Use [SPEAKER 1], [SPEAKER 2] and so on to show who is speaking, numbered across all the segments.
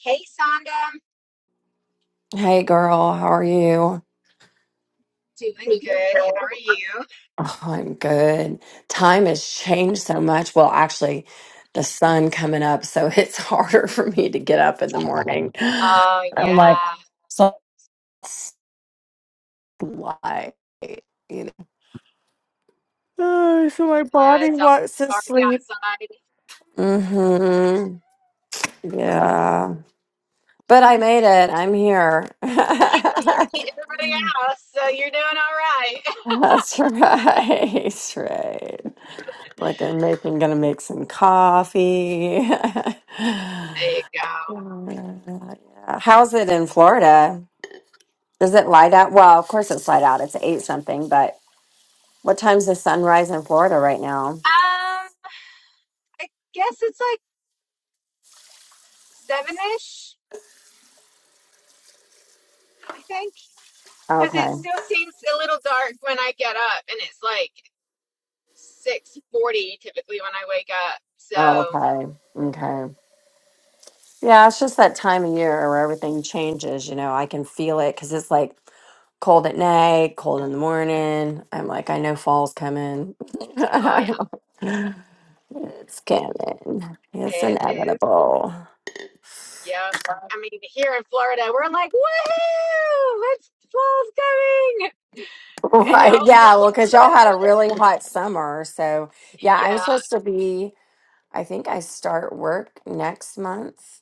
[SPEAKER 1] Hey, Sonda.
[SPEAKER 2] Hey girl, how are you?
[SPEAKER 1] Doing good. How are you?
[SPEAKER 2] Oh, I'm good. Time has changed so much. Well, actually, the sun coming up, so it's harder for me to get up in the morning.
[SPEAKER 1] Oh,
[SPEAKER 2] I'm like,
[SPEAKER 1] yeah.
[SPEAKER 2] so it's light, you know. Oh, so my
[SPEAKER 1] Yeah,
[SPEAKER 2] body
[SPEAKER 1] it's all
[SPEAKER 2] wants to
[SPEAKER 1] dark
[SPEAKER 2] sleep.
[SPEAKER 1] outside.
[SPEAKER 2] hmm Yeah. But I made it. I'm here.
[SPEAKER 1] You, you
[SPEAKER 2] That's
[SPEAKER 1] beat everybody else, so you're doing all right.
[SPEAKER 2] right. That's right. Like I'm making, gonna make some coffee.
[SPEAKER 1] There you go.
[SPEAKER 2] Yeah. How's it in Florida? Is it light out? Well, of course it's light out. It's eight something, but what time's the sunrise in Florida right now?
[SPEAKER 1] Um, I guess it's like seven-ish, I think, because it
[SPEAKER 2] Okay.
[SPEAKER 1] still seems a little dark when I get up, and it's like 6:40 typically when I wake up. So,
[SPEAKER 2] Oh, okay. Okay. Yeah, it's just that time of year where everything changes. You know, I can feel it because it's like cold at night, cold in the morning. I'm like, I know fall's coming.
[SPEAKER 1] oh yeah,
[SPEAKER 2] it's coming. It's
[SPEAKER 1] it is.
[SPEAKER 2] inevitable.
[SPEAKER 1] Yep. I mean, here in Florida, we're like, woohoo! It's fall's coming. And
[SPEAKER 2] Right.
[SPEAKER 1] y'all were
[SPEAKER 2] Yeah. Well, because y'all
[SPEAKER 1] like,
[SPEAKER 2] had a really hot summer. So, yeah, I'm
[SPEAKER 1] yeah,
[SPEAKER 2] supposed to be, I think I start work next month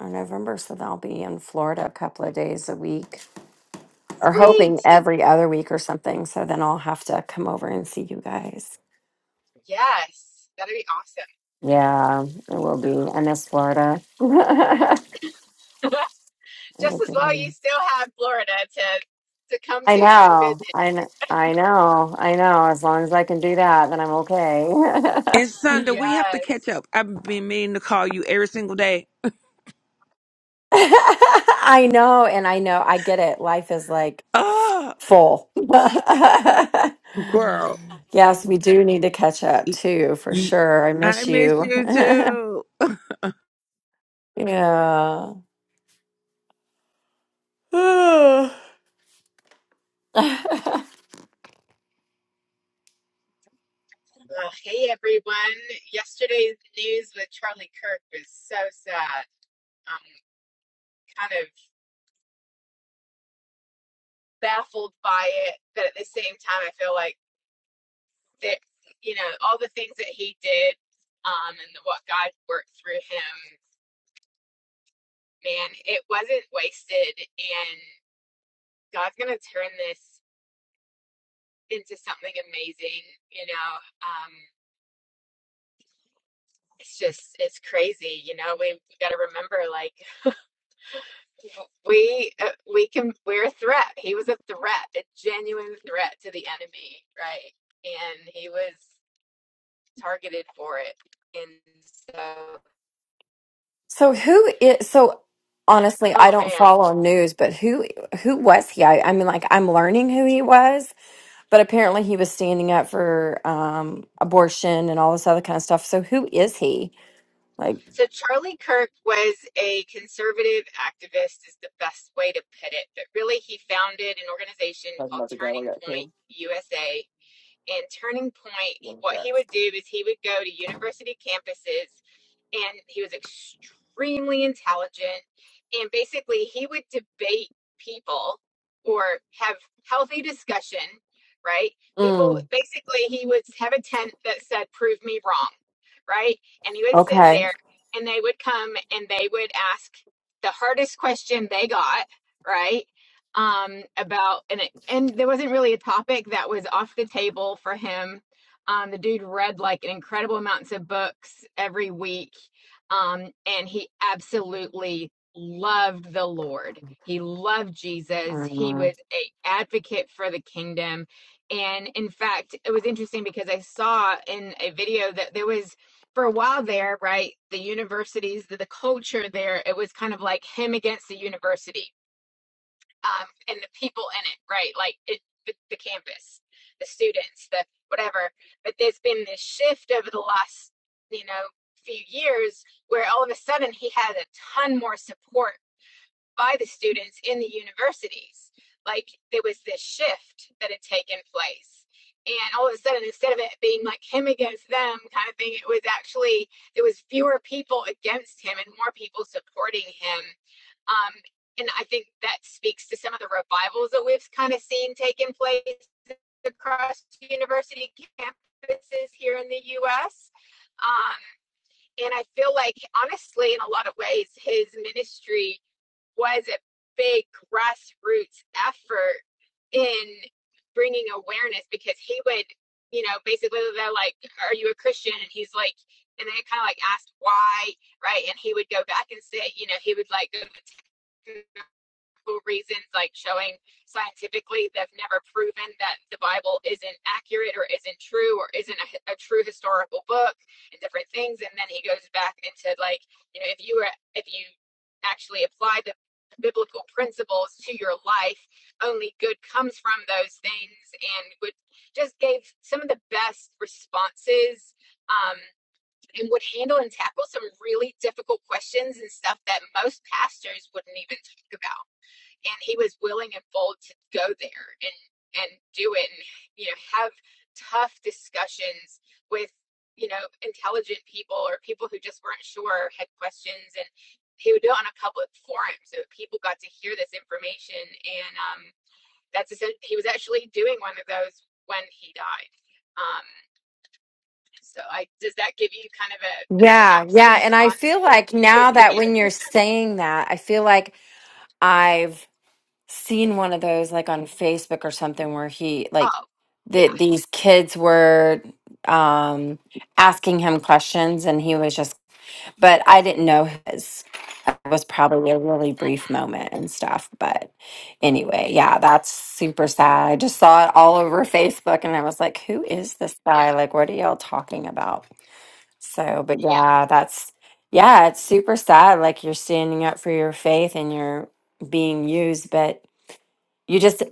[SPEAKER 2] or November. So, I'll be in Florida a couple of days a week or hoping
[SPEAKER 1] sweet.
[SPEAKER 2] every other week or something. So, then I'll have to come over and see you guys.
[SPEAKER 1] Yes, that'd be awesome.
[SPEAKER 2] Yeah, it will be. I miss Florida.
[SPEAKER 1] Just as well, you still have Florida to to come
[SPEAKER 2] I
[SPEAKER 1] to and
[SPEAKER 2] know.
[SPEAKER 1] visit.
[SPEAKER 2] I know. I know. I know. As long as I can do that, then I'm okay.
[SPEAKER 3] And Sunday, we have to catch
[SPEAKER 1] Yes.
[SPEAKER 3] up. I've been meaning to call you every single day.
[SPEAKER 2] I know, and I know, I get it. Life is like
[SPEAKER 3] Oh,
[SPEAKER 2] full.
[SPEAKER 3] girl.
[SPEAKER 2] yes, we do need to catch up too, for
[SPEAKER 3] Y-
[SPEAKER 2] sure. I
[SPEAKER 3] I
[SPEAKER 2] miss
[SPEAKER 3] miss
[SPEAKER 2] you.
[SPEAKER 3] you too.
[SPEAKER 2] yeah.
[SPEAKER 1] Uh, hey everyone. Yesterday's news with Charlie Kirk was so sad. I'm kind of baffled by it, but at the same time, I feel like that you know all the things that he did, um, and what God worked through him. Man, it wasn't wasted, and God's going to turn this into something amazing, you know. Um, it's just it's crazy, you know. We, we got to remember, like we uh, we can we're a threat. He was a threat, a genuine threat to the enemy, right? And he was targeted for it. And so,
[SPEAKER 2] so who is so honestly, I
[SPEAKER 1] oh
[SPEAKER 2] don't
[SPEAKER 1] man.
[SPEAKER 2] follow news, but who who was he? I, I mean like I'm learning who he was, but apparently he was standing up for um abortion and all this other kind of stuff. So who is he? Like,
[SPEAKER 1] So Charlie Kirk was a conservative activist, is the best way to put it. But really, he founded an organization called Turning Point USA And Turning Point, what he would do is he would go to university campuses and he was extremely intelligent and basically he would debate people or have healthy discussion right people
[SPEAKER 2] mm,
[SPEAKER 1] basically he would have a tent that said prove me wrong right and he would sit
[SPEAKER 2] okay.
[SPEAKER 1] there and they would come and they would ask the hardest question they got right um about and it, and there wasn't really a topic that was off the table for him um, the dude read like an incredible amounts of books every week, um, and he absolutely loved the Lord. He loved Jesus. He
[SPEAKER 2] Uh,
[SPEAKER 1] was a advocate for the kingdom, and in fact, it was interesting because I saw in a video that there was for a while there, right? The universities, the, the culture there, it was kind of like him against the university um, and the people in it, right? Like it, the, the campus, the students, the whatever. But there's been this shift over the last, you know, few years where all of a sudden he had a ton more support by the students in the universities. Like there was this shift that had taken place. And all of a sudden, instead of it being like him against them kind of thing, it was actually there was fewer people against him and more people supporting him. Um, and I think that speaks to some of the revivals that we've kind of seen taking place across university campuses here in the U.S. Um, and I feel like, honestly, in a lot of ways, his ministry was a big grassroots effort in bringing awareness because he would, you know, basically they're like, "Are you a Christian?" And he's like, and they kind of like asked why, right? And he would go back and say, you know, he would like go practical reasons, like showing scientifically they've never proven that the Bible isn't accurate or isn't true or isn't a, a true historical book and different things. And then he goes back into like, you know, if you were, if you actually apply the biblical principles to your life, only good comes from those things. And would just gave some of the best responses. Um, and would handle and tackle some really difficult questions and stuff that most pastors wouldn't even talk about and he was willing and bold to go there and and do it and you know have tough discussions with you know intelligent people or people who just weren't sure or had questions and he would do it on a public forum so people got to hear this information and um that's he was actually doing one of those when he died um so i does that give you kind of a, a
[SPEAKER 2] yeah, yeah.
[SPEAKER 1] synopsis
[SPEAKER 2] And I
[SPEAKER 1] on
[SPEAKER 2] feel like
[SPEAKER 1] if
[SPEAKER 2] now
[SPEAKER 1] he
[SPEAKER 2] that when
[SPEAKER 1] is
[SPEAKER 2] you're saying that, I feel like I've seen one of those like on Facebook or something where he like
[SPEAKER 1] oh yeah
[SPEAKER 2] that these kids were um asking him questions and he was just but I didn't know his it was probably a really
[SPEAKER 1] mhm,
[SPEAKER 2] brief moment and stuff. But anyway, yeah, that's super sad. I just saw it all over Facebook and I was like, who is this guy?
[SPEAKER 1] yeah
[SPEAKER 2] Like, what are y'all talking about? So, but
[SPEAKER 1] yeah
[SPEAKER 2] yeah, that's yeah, it's super sad. Like you're standing up for your faith and you're being used, but you just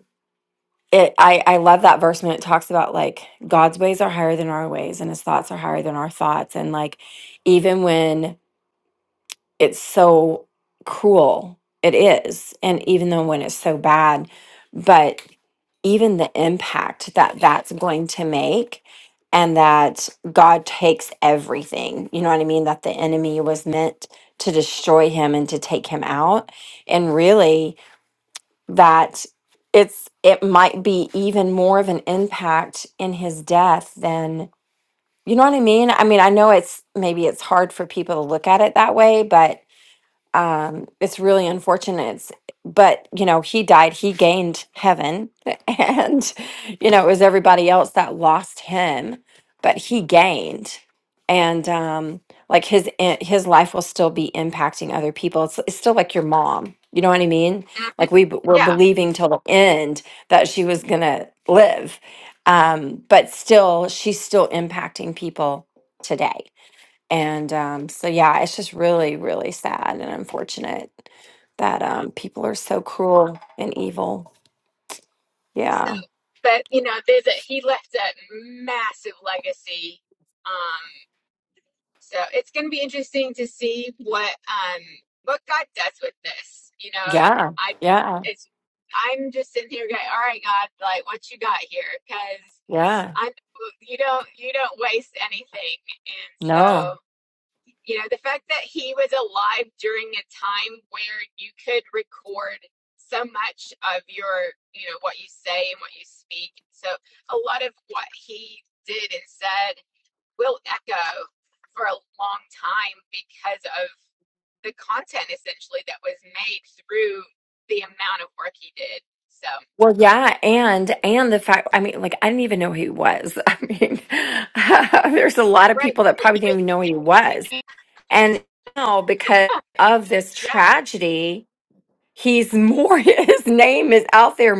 [SPEAKER 2] it I I love that verse when it talks about like God's ways are higher than our ways and his thoughts are higher than our thoughts and like even when it's so cruel. It is. And even though when it's so bad, but even the impact that that's going to make and that God takes everything. You know what I mean? That the enemy was meant to destroy him and to take him out. And really that it's it might be even more of an impact in his death than you know what I mean? I mean, I know it's maybe it's hard for people to look at it that way, but um it's really unfortunate it's, but you know he died he gained heaven and you know it was everybody else that lost him but he gained and um like his i- his life will still be impacting other people it's, it's still like your mom you know what i mean
[SPEAKER 1] mhm,
[SPEAKER 2] like we b- were
[SPEAKER 1] yeah
[SPEAKER 2] believing till the end that she was gonna live um but still she's still impacting people today and um, so, yeah, it's just really, really sad and unfortunate that
[SPEAKER 1] Yeah.
[SPEAKER 2] um, people are so cruel and evil.
[SPEAKER 1] So,
[SPEAKER 2] Yeah.
[SPEAKER 1] but you know, there's a, he left a massive legacy. Um, so it's going to be interesting to see what um what God does with this. You know,
[SPEAKER 2] Yeah.
[SPEAKER 1] I
[SPEAKER 2] Yeah.
[SPEAKER 1] it's I'm just sitting here going, all right, God, like what you got here, because
[SPEAKER 2] Yeah.
[SPEAKER 1] I you don't you don't waste anything, and so
[SPEAKER 2] No.
[SPEAKER 1] you know, the fact that he was alive during a time where you could record so much of your, you know, what you say and what you speak. So a lot of what he did and said will echo for a long time because of the content essentially that was made through the amount of work he did. So,
[SPEAKER 2] Well, yeah, and and the fact I mean, like I didn't even know who he was. I mean, there's a lot of
[SPEAKER 1] right.
[SPEAKER 2] people that probably didn't even know who he was. And now because of this
[SPEAKER 1] Yes,
[SPEAKER 2] tragedy, he's more his name is out there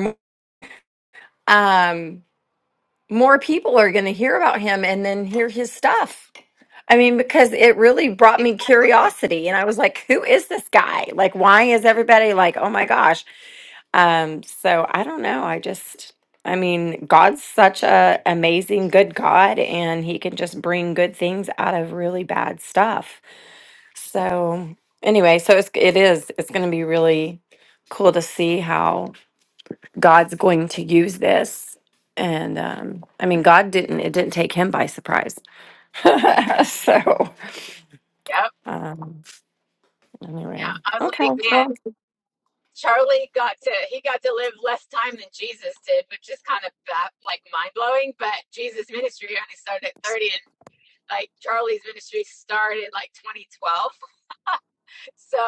[SPEAKER 2] um more people are going to hear about him and then hear his stuff I mean, because it really brought me
[SPEAKER 1] exactly.
[SPEAKER 2] curiosity. And I was like, who is this guy? Like, why is everybody like, oh my gosh? Um, so I don't know. I just, I mean, God's such a amazing, good God, and he can just bring good things out of really bad stuff. So anyway, so it's, it is, it's going to be really cool to see how God's going to use this. And um, I mean, God didn't, it didn't take him by surprise. so.
[SPEAKER 1] Yep.
[SPEAKER 2] Um,
[SPEAKER 1] Yeah.
[SPEAKER 2] anyway,
[SPEAKER 1] I was
[SPEAKER 2] okay.
[SPEAKER 1] like, man,
[SPEAKER 2] well,
[SPEAKER 1] Charlie got to he got to live less time than Jesus did, which is kind of ba- like mind blowing. But Jesus' ministry only started at thirty, and like Charlie's ministry started like twenty twelve. So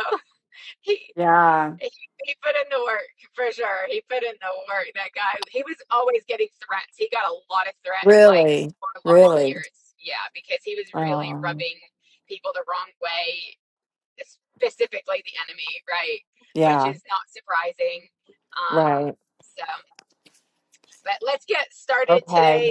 [SPEAKER 1] he.
[SPEAKER 2] Yeah,
[SPEAKER 1] He, he put in the work for sure. He put in the work. That guy, he was always getting threats. He got a lot of threats, like
[SPEAKER 2] really,
[SPEAKER 1] for a lot of
[SPEAKER 2] really.
[SPEAKER 1] years. Yeah, because he was really
[SPEAKER 2] Um,
[SPEAKER 1] rubbing people the wrong way specifically the enemy, right? Which
[SPEAKER 2] yeah,
[SPEAKER 1] is not surprising. Um,
[SPEAKER 2] right.
[SPEAKER 1] so, but let's get started
[SPEAKER 2] Okay.
[SPEAKER 1] today.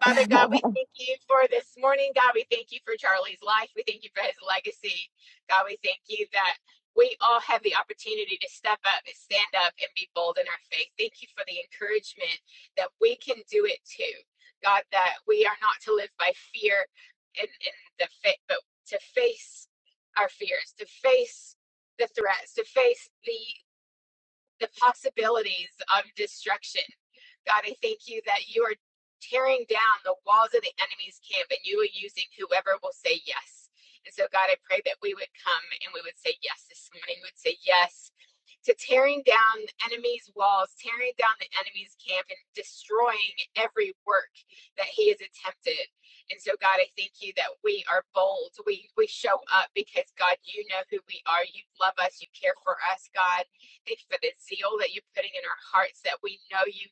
[SPEAKER 1] Father God, we thank you for this morning. God, we thank you for Charlie's life. We thank you for his legacy. God, we thank you that we all have the opportunity to step up and stand up and be bold in our faith. Thank you for the encouragement that we can do it too. God, that we are not to live by fear and, and the faith, but to face our fears, to face the threats, to face the the possibilities of destruction. God, I thank you that you are tearing down the walls of the enemy's camp and you are using whoever will say yes. And so, God, I pray that we would come and we would say yes this morning. We would say yes to tearing down the enemy's walls, tearing down the enemy's camp, and destroying every work that he has attempted. And so, God, I thank you that we are bold. We we show up because God, you know who we are. You love us. You care for us, God. Thank you for the zeal that you're putting in our hearts. That we know you.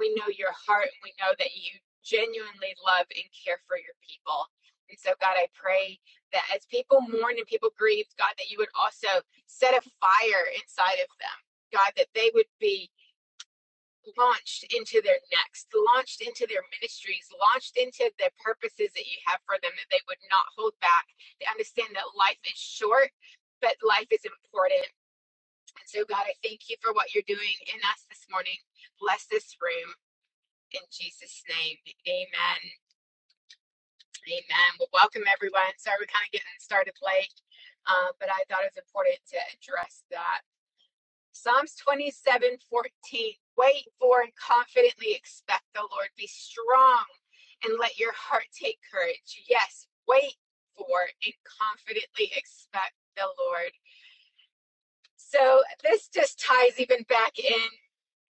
[SPEAKER 1] We know your heart. We know that you genuinely love and care for your people. And so, God, I pray that as people mourn and people grieve, God, that you would also set a fire inside of them, God, that they would be launched into their next, launched into their ministries, launched into the purposes that you have for them, that they would not hold back. They understand that life is short, but life is important. And so, God, I thank you for what you're doing in us this morning. Bless this room in Jesus' name. Amen. Amen. Well, welcome everyone. Sorry, we're kind of getting started late, uh, but I thought it was important to address that. Psalms 27:14. Wait for and confidently expect the Lord. Be strong and let your heart take courage. Yes, wait for and confidently expect the Lord. So this just ties even back in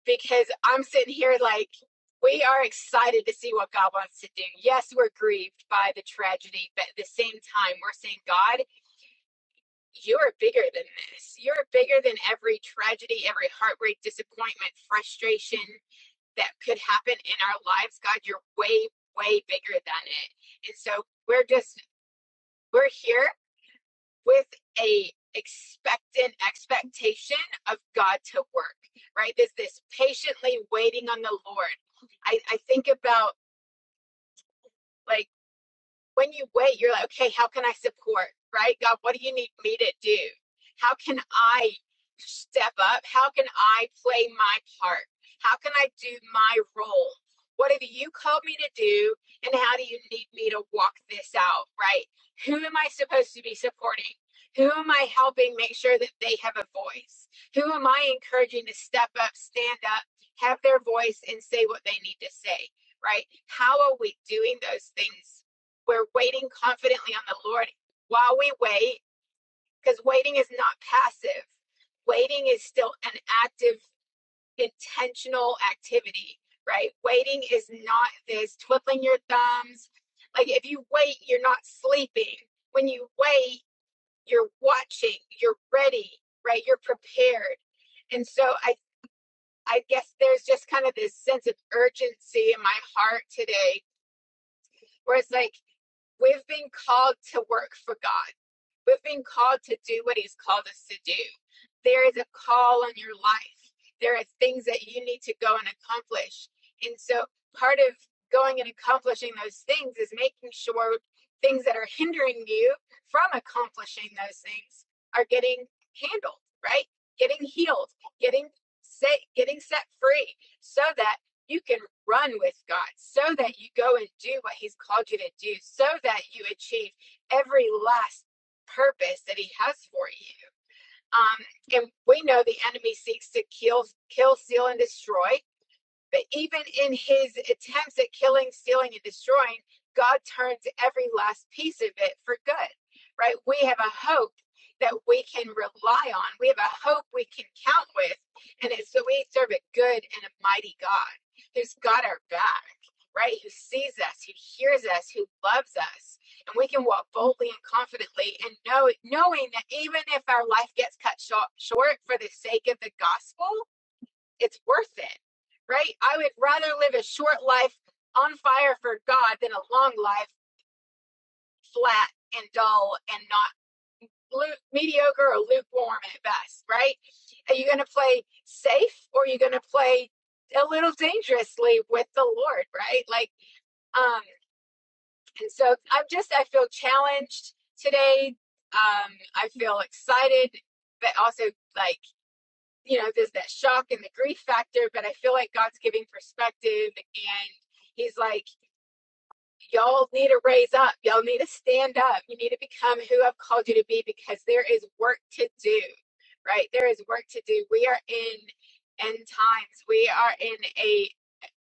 [SPEAKER 1] because I'm sitting here like, we are excited to see what God wants to do. Yes, we're grieved by the tragedy, but at the same time, we're saying, God, you're bigger than this. You're bigger than every tragedy, every heartbreak, disappointment, frustration that could happen in our lives. God, you're way, way bigger than it. And so we're just we're here with a expectant expectation of God to work, right? There's this patiently waiting on the Lord. I, I think about like when you wait, you're like, okay, how can I support? Right? God, what do you need me to do? How can I step up? How can I play my part? How can I do my role? What have you called me to do? And how do you need me to walk this out? Right? Who am I supposed to be supporting? Who am I helping make sure that they have a voice? Who am I encouraging to step up, stand up, have their voice, and say what they need to say? Right? How are we doing those things we're waiting confidently on the Lord while we wait, because waiting is not passive. Waiting is still an active, intentional activity, right? Waiting is not this twiddling your thumbs. Like if you wait, you're not sleeping. When you wait, you're watching, you're ready, right? You're prepared. And so I I guess there's just kind of this sense of urgency in my heart today where it's like We've been called to work for God. We've been called to do what He's called us to do. There is a call on your life. There are things that you need to go and accomplish. And so part of going and accomplishing those things is making sure things that are hindering you from accomplishing those things are getting handled, right? Getting healed, getting set, getting set free so that you can run with God so that you go and do what He's called you to do, so that you achieve every last purpose that He has for you. Um, and we know the enemy seeks to kill, kill, steal, and destroy. But even in his attempts at killing, stealing, and destroying, God turns every last piece of it for good, right? We have a hope that we can rely on, we have a hope we can count with. And it's that we serve a good and a mighty God who's got our back, right? Who sees us, who hears us, who loves us. And we can walk boldly and confidently and know, knowing that even if our life gets cut short, short for the sake of the gospel, it's worth it, right? I would rather live a short life on fire for God than a long life flat and dull and not lu- mediocre or lukewarm at best, right? Are you going to play safe or are you going to play a little dangerously with the Lord, right? Like, um, and so I'm just, I feel challenged today. Um, I feel excited, but also like, you know, there's that shock and the grief factor, but I feel like God's giving perspective and He's like, y'all need to raise up. Y'all need to stand up. You need to become who I've called you to be because there is work to do, right? There is work to do. We are in end times, we are in a,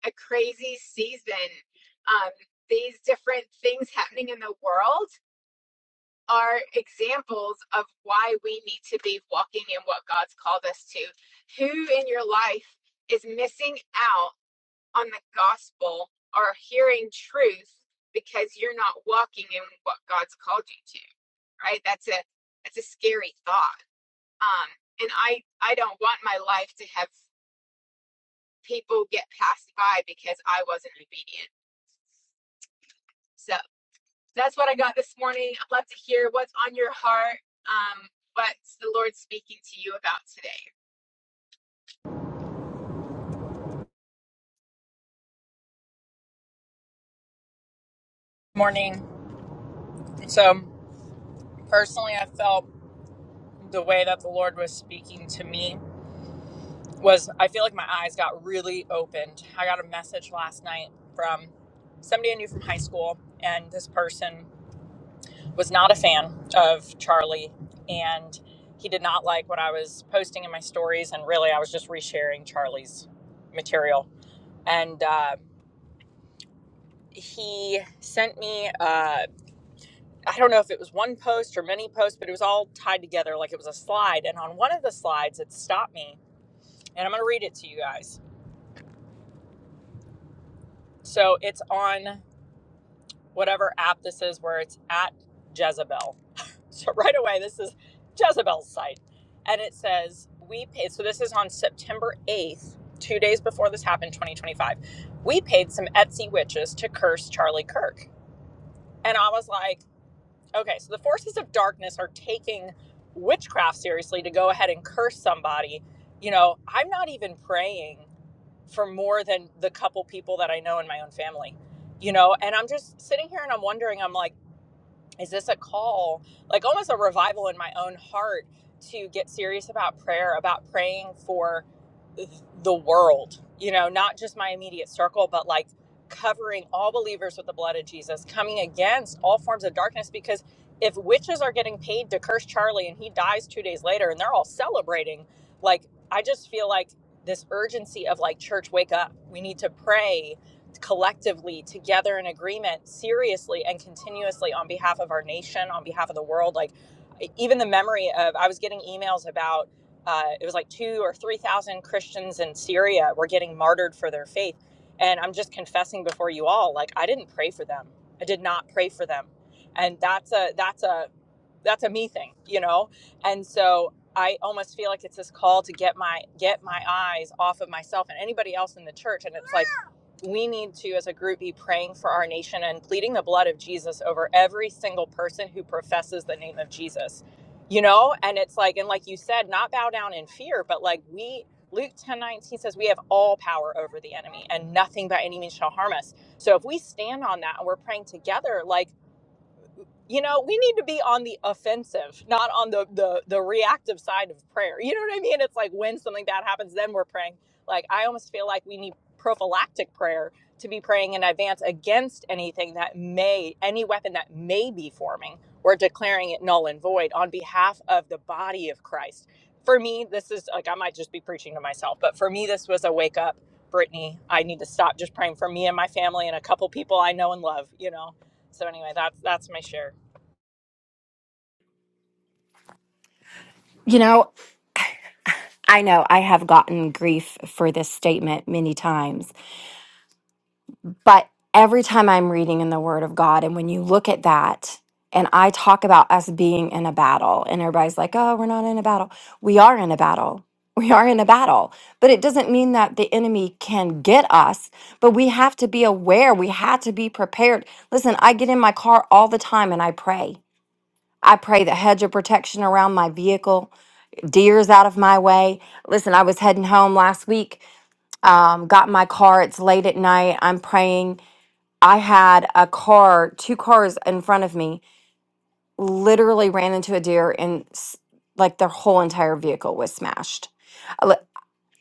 [SPEAKER 1] a crazy season. Um, these different things happening in the world are examples of why we need to be walking in what God's called us to. Who in your life is missing out on the gospel or hearing truth because you're not walking in what God's called you to? Right? That's a that's a scary thought. Um and I I don't want my life to have people get passed by because I wasn't obedient. So. that's what I got this morning. I'd love to hear what's on your heart. Um, what's the Lord speaking to you about today?
[SPEAKER 4] morning. So, personally, I felt the way that the Lord was speaking to me was I feel like my eyes got really opened. I got a message last night from somebody I knew from high school, and this person was not a fan of Charlie, and he did not like what I was posting in my stories. And really, I was just resharing Charlie's material. And uh, he sent me. uh, I don't know if it was one post or many posts, but it was all tied together like it was a slide. And on one of the slides, it stopped me, and I'm going to read it to you guys. So it's on whatever app this is where it's at Jezebel. So right away, this is Jezebel's site. And it says, We paid, so this is on September 8th, two days before this happened, 2025. We paid some Etsy witches to curse Charlie Kirk. And I was like, Okay, so the forces of darkness are taking witchcraft seriously to go ahead and curse somebody. You know, I'm not even praying for more than the couple people that I know in my own family, you know, and I'm just sitting here and I'm wondering, I'm like, is this a call, like almost a revival in my own heart to get serious about prayer, about praying for? the world, you know, not just my immediate circle, but like covering all believers with the blood of Jesus, coming against all forms of darkness. Because if witches are getting paid to curse Charlie and he dies two days later and they're all celebrating, like, I just feel like this urgency of like, church, wake up. We need to pray collectively, together in agreement, seriously and continuously on behalf of our nation, on behalf of the world. Like, e, even the memory of, I was getting emails about, uh, it was like two or three thousand Christians in Syria were getting martyred for their faith. And I'm just confessing before you all, like I didn't pray for them. I did not pray for them. And that's a that's a that's a me thing, you know? And so I almost feel like it's this call to get my get my eyes off of myself and anybody else in the church. And it's like we need to as a group be praying for our nation and pleading the blood of Jesus over every single person who professes the name of Jesus. You know? And it's like, and like you said, not bow down in fear, but like we Luke 10 19 says we have all power over the enemy and nothing by any means shall harm us. So if we stand on that and we're praying together, like you know we need to be on the offensive not on the the the reactive side of prayer you know what i mean it's like when something bad happens then we're praying like i almost feel like we need prophylactic prayer to be praying in advance against anything that may any weapon that may be forming we're declaring it null and void on behalf of the body of christ for me this is like i might just be preaching to myself but for me this was a wake up brittany i need to stop just praying for me and my family and a couple people i know and love you know so anyway that's that's my share
[SPEAKER 2] You know, I know I have gotten grief for this statement many times. But every time I'm reading in the Word of God, and when you look at that, and I talk about us being in a battle, and everybody's like, oh, we're not in a battle. We are in a battle. We are in a battle. But it doesn't mean that the enemy can get us, but we have to be aware. We have to be prepared. Listen, I get in my car all the time and I pray. I pray the hedge of protection around my vehicle, deer's out of my way. Listen, I was heading home last week, um, got in my car. It's late at night. I'm praying I had a car, two cars in front of me, literally ran into a deer and s- like their whole entire vehicle was smashed. Uh, li-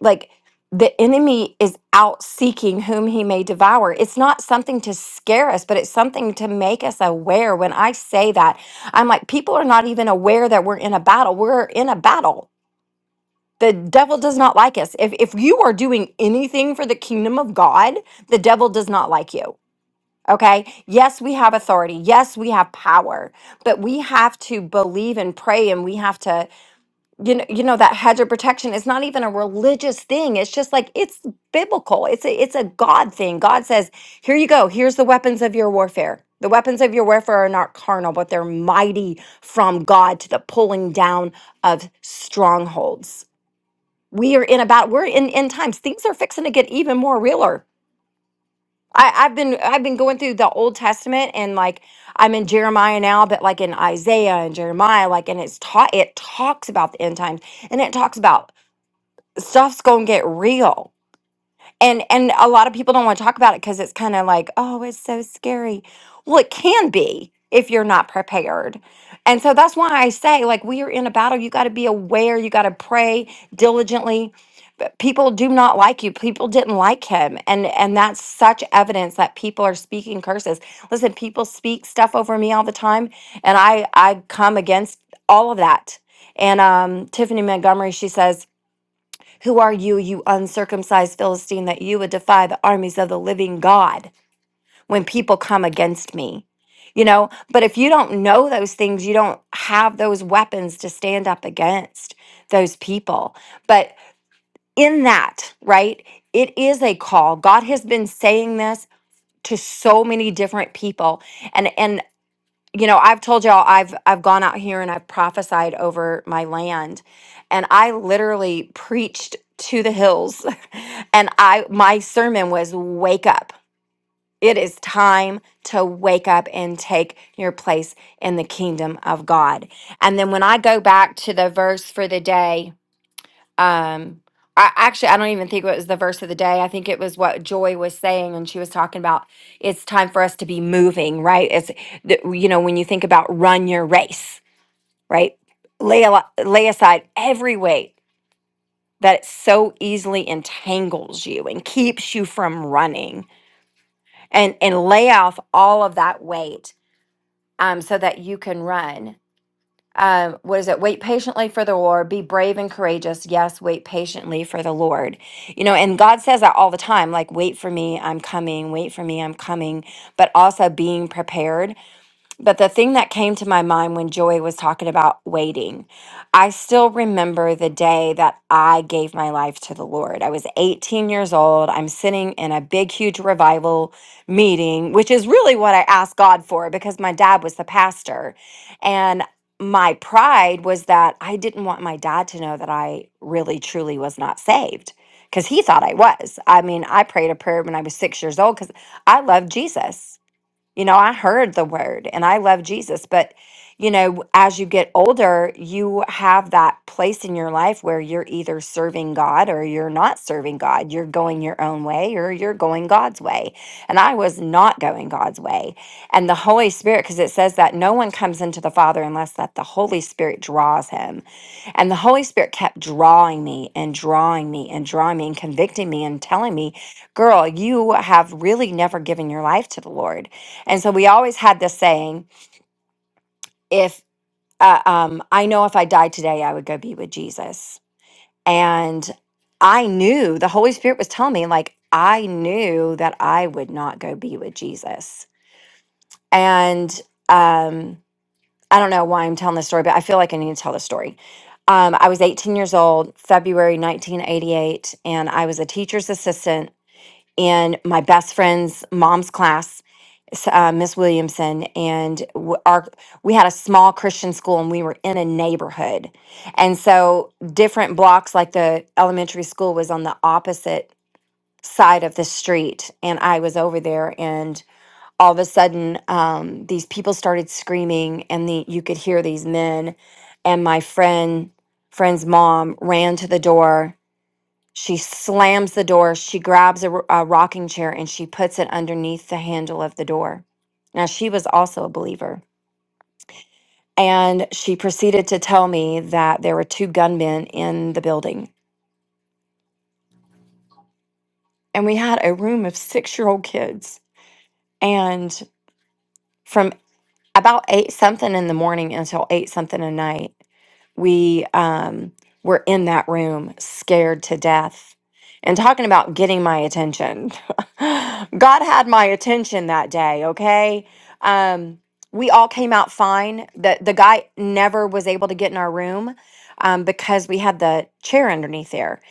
[SPEAKER 2] Like the enemy is out seeking whom he may devour. It's not something to scare us, but it's something to make us aware. When I say that, I'm like, people are not even aware that we're in a battle. We're in a battle. The devil does not like us. If, if you are doing anything for the kingdom of God, the devil does not like you Okay. Yes, we have authority. Yes, we have power, but we have to believe and pray and we have to, you know, you know, that hedge of protection is not even a religious thing. It's just like it's biblical. It's a it's a God thing. God says, here you go, here's the weapons of your warfare. The weapons of your warfare are not carnal, but they're mighty from God to the pulling down of strongholds. We are in about we're in end times. Things are fixing to get even more realer I, I've been I've been going through the Old Testament and like I'm in Jeremiah now, but like in Isaiah and Jeremiah, like and it's taught it talks about the end times and it talks about stuff's gonna get real and and a lot of people don't want to talk about it because it's kind of like oh it's so scary well it can be if you're not prepared and so that's why i say like we are in a battle you got to be aware you got to pray diligently But people do not like you people didn't like him and and that's such evidence that people are speaking curses listen people speak stuff over me all the time and i i come against all of that and um tiffany montgomery she says who are you, you uncircumcised Philistine, that you would defy the armies of the living God when people come against me? You know, but if you don't know those things, you don't have those weapons to stand up against those people. But in that, right, it is a call. God has been saying this to so many different people. And and you know i've told y'all i've i've gone out here and i've prophesied over my land and i literally preached to the hills and i my sermon was wake up it is time to wake up and take your place in the kingdom of god and then when i go back to the verse for the day um I actually I don't even think it was the verse of the day. I think it was what Joy was saying and she was talking about it's time for us to be moving, right? It's the, you know when you think about run your race, right? Lay a lot- lay aside every weight that so easily entangles you and keeps you from running and and lay off all of that weight um so that you can run. um, what is it? Wait patiently for the Lord. Be brave and courageous. Yes, wait patiently for the Lord. You know, and God says that all the time like, wait for me, I'm coming. Wait for me, I'm coming. But also being prepared. But the thing that came to my mind when Joy was talking about waiting, I still remember the day that I gave my life to the Lord. I was 18 years old. I'm sitting in a big, huge revival meeting, which is really what I asked God for because my dad was the pastor. And my pride was that I didn't want my dad to know that I really, truly was not saved because he thought I was. I mean, I prayed a prayer when I was six years old because I loved Jesus you know, I heard the word and I love Jesus, but you know, as you get older, you have that place in your life where you're either serving God or you're not serving God. You're going your own way or you're going God's way. And I was not going God's way. And the Holy Spirit, because it says that no one comes into the Father unless that the Holy Spirit draws him. And the Holy Spirit kept drawing me and drawing me and drawing me and convicting me and telling me, girl, you have really never given your life to the Lord and so we always had this saying if uh, um, I know if I died today, I would go be with Jesus. And I knew the Holy Spirit was telling me, like, I knew that I would not go be with Jesus. And um, I don't know why I'm telling this story, but I feel like I need to tell this story. Um, I was 18 years old, February 1988, and I was a teacher's assistant in my best friend's mom's class s- uh, Miss Williamson, and w- our we had a small Christian school, and we were in a neighborhood, and so different blocks, like the elementary school, was on the opposite side of the street, and I was over there, and all of a sudden, um, these people started screaming, and the you could hear these men, and my friend friend's mom ran to the door she slams the door. She grabs a a rocking chair and she puts it underneath the handle of the door. Now, she was also a believer. And she proceeded to tell me that there were two gunmen in the building. And we had a room of six year old kids. And from about eight something in the morning until eight something at night, we um, were in that room scared to death and talking about getting my attention god had my attention that day okay um, we all came out fine the, the guy never was able to get in our room um, because we had the chair underneath there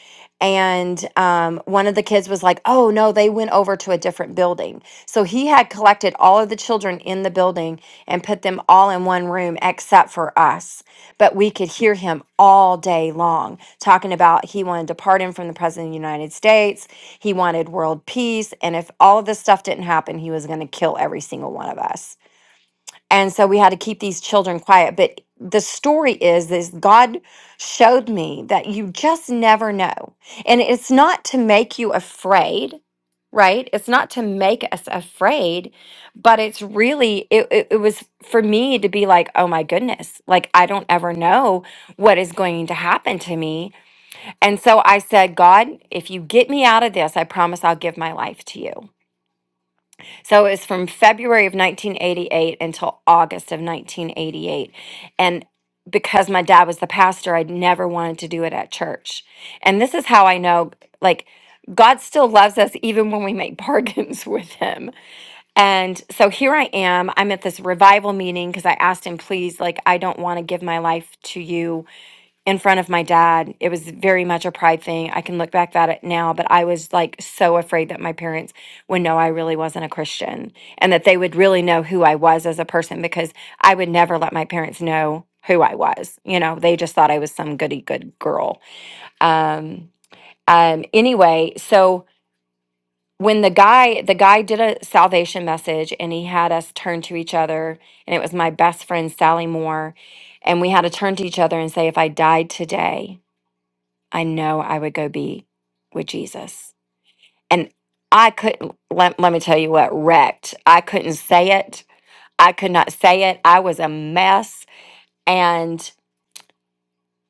[SPEAKER 2] and um, one of the kids was like oh no they went over to a different building so he had collected all of the children in the building and put them all in one room except for us but we could hear him all day long talking about he wanted to pardon from the president of the United States. He wanted world peace. And if all of this stuff didn't happen, he was going to kill every single one of us and so we had to keep these children quiet but the story is this god showed me that you just never know and it's not to make you afraid right it's not to make us afraid but it's really it, it, it was for me to be like oh my goodness like i don't ever know what is going to happen to me and so i said god if you get me out of this i promise i'll give my life to you so it was from February of 1988 until August of 1988. And because my dad was the pastor, I never wanted to do it at church. And this is how I know, like, God still loves us even when we make bargains with him. And so here I am. I'm at this revival meeting because I asked him, please, like, I don't want to give my life to you in front of my dad. It was very much a pride thing. I can look back at it now, but I was like so afraid that my parents would know I really wasn't a Christian and that they would really know who I was as a person because I would never let my parents know who I was. You know, they just thought I was some goody good girl. Um, um, anyway, so when the guy the guy did a salvation message and he had us turn to each other and it was my best friend Sally Moore and we had to turn to each other and say if I died today I know I would go be with Jesus. And I couldn't, let, let me tell you what, wrecked. I couldn't say it. I could not say it. I was a mess. And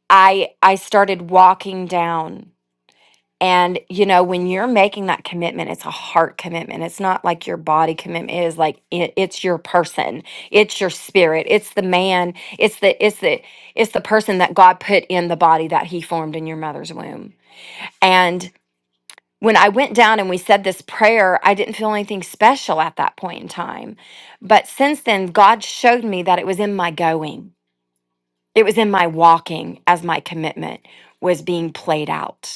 [SPEAKER 2] I, I started walking down. And, you know, when you're making that commitment, it's a heart commitment. It's not like your body commitment It is like, it, it's your person. It's your spirit. It's the man. It's the, it's the, it's the person that God put in the body that he formed in your mother's womb. And when I went down and we said this prayer, I didn't feel anything special at that point in time. But since then, God showed me that it was in my going, it was in my walking as my commitment was being played out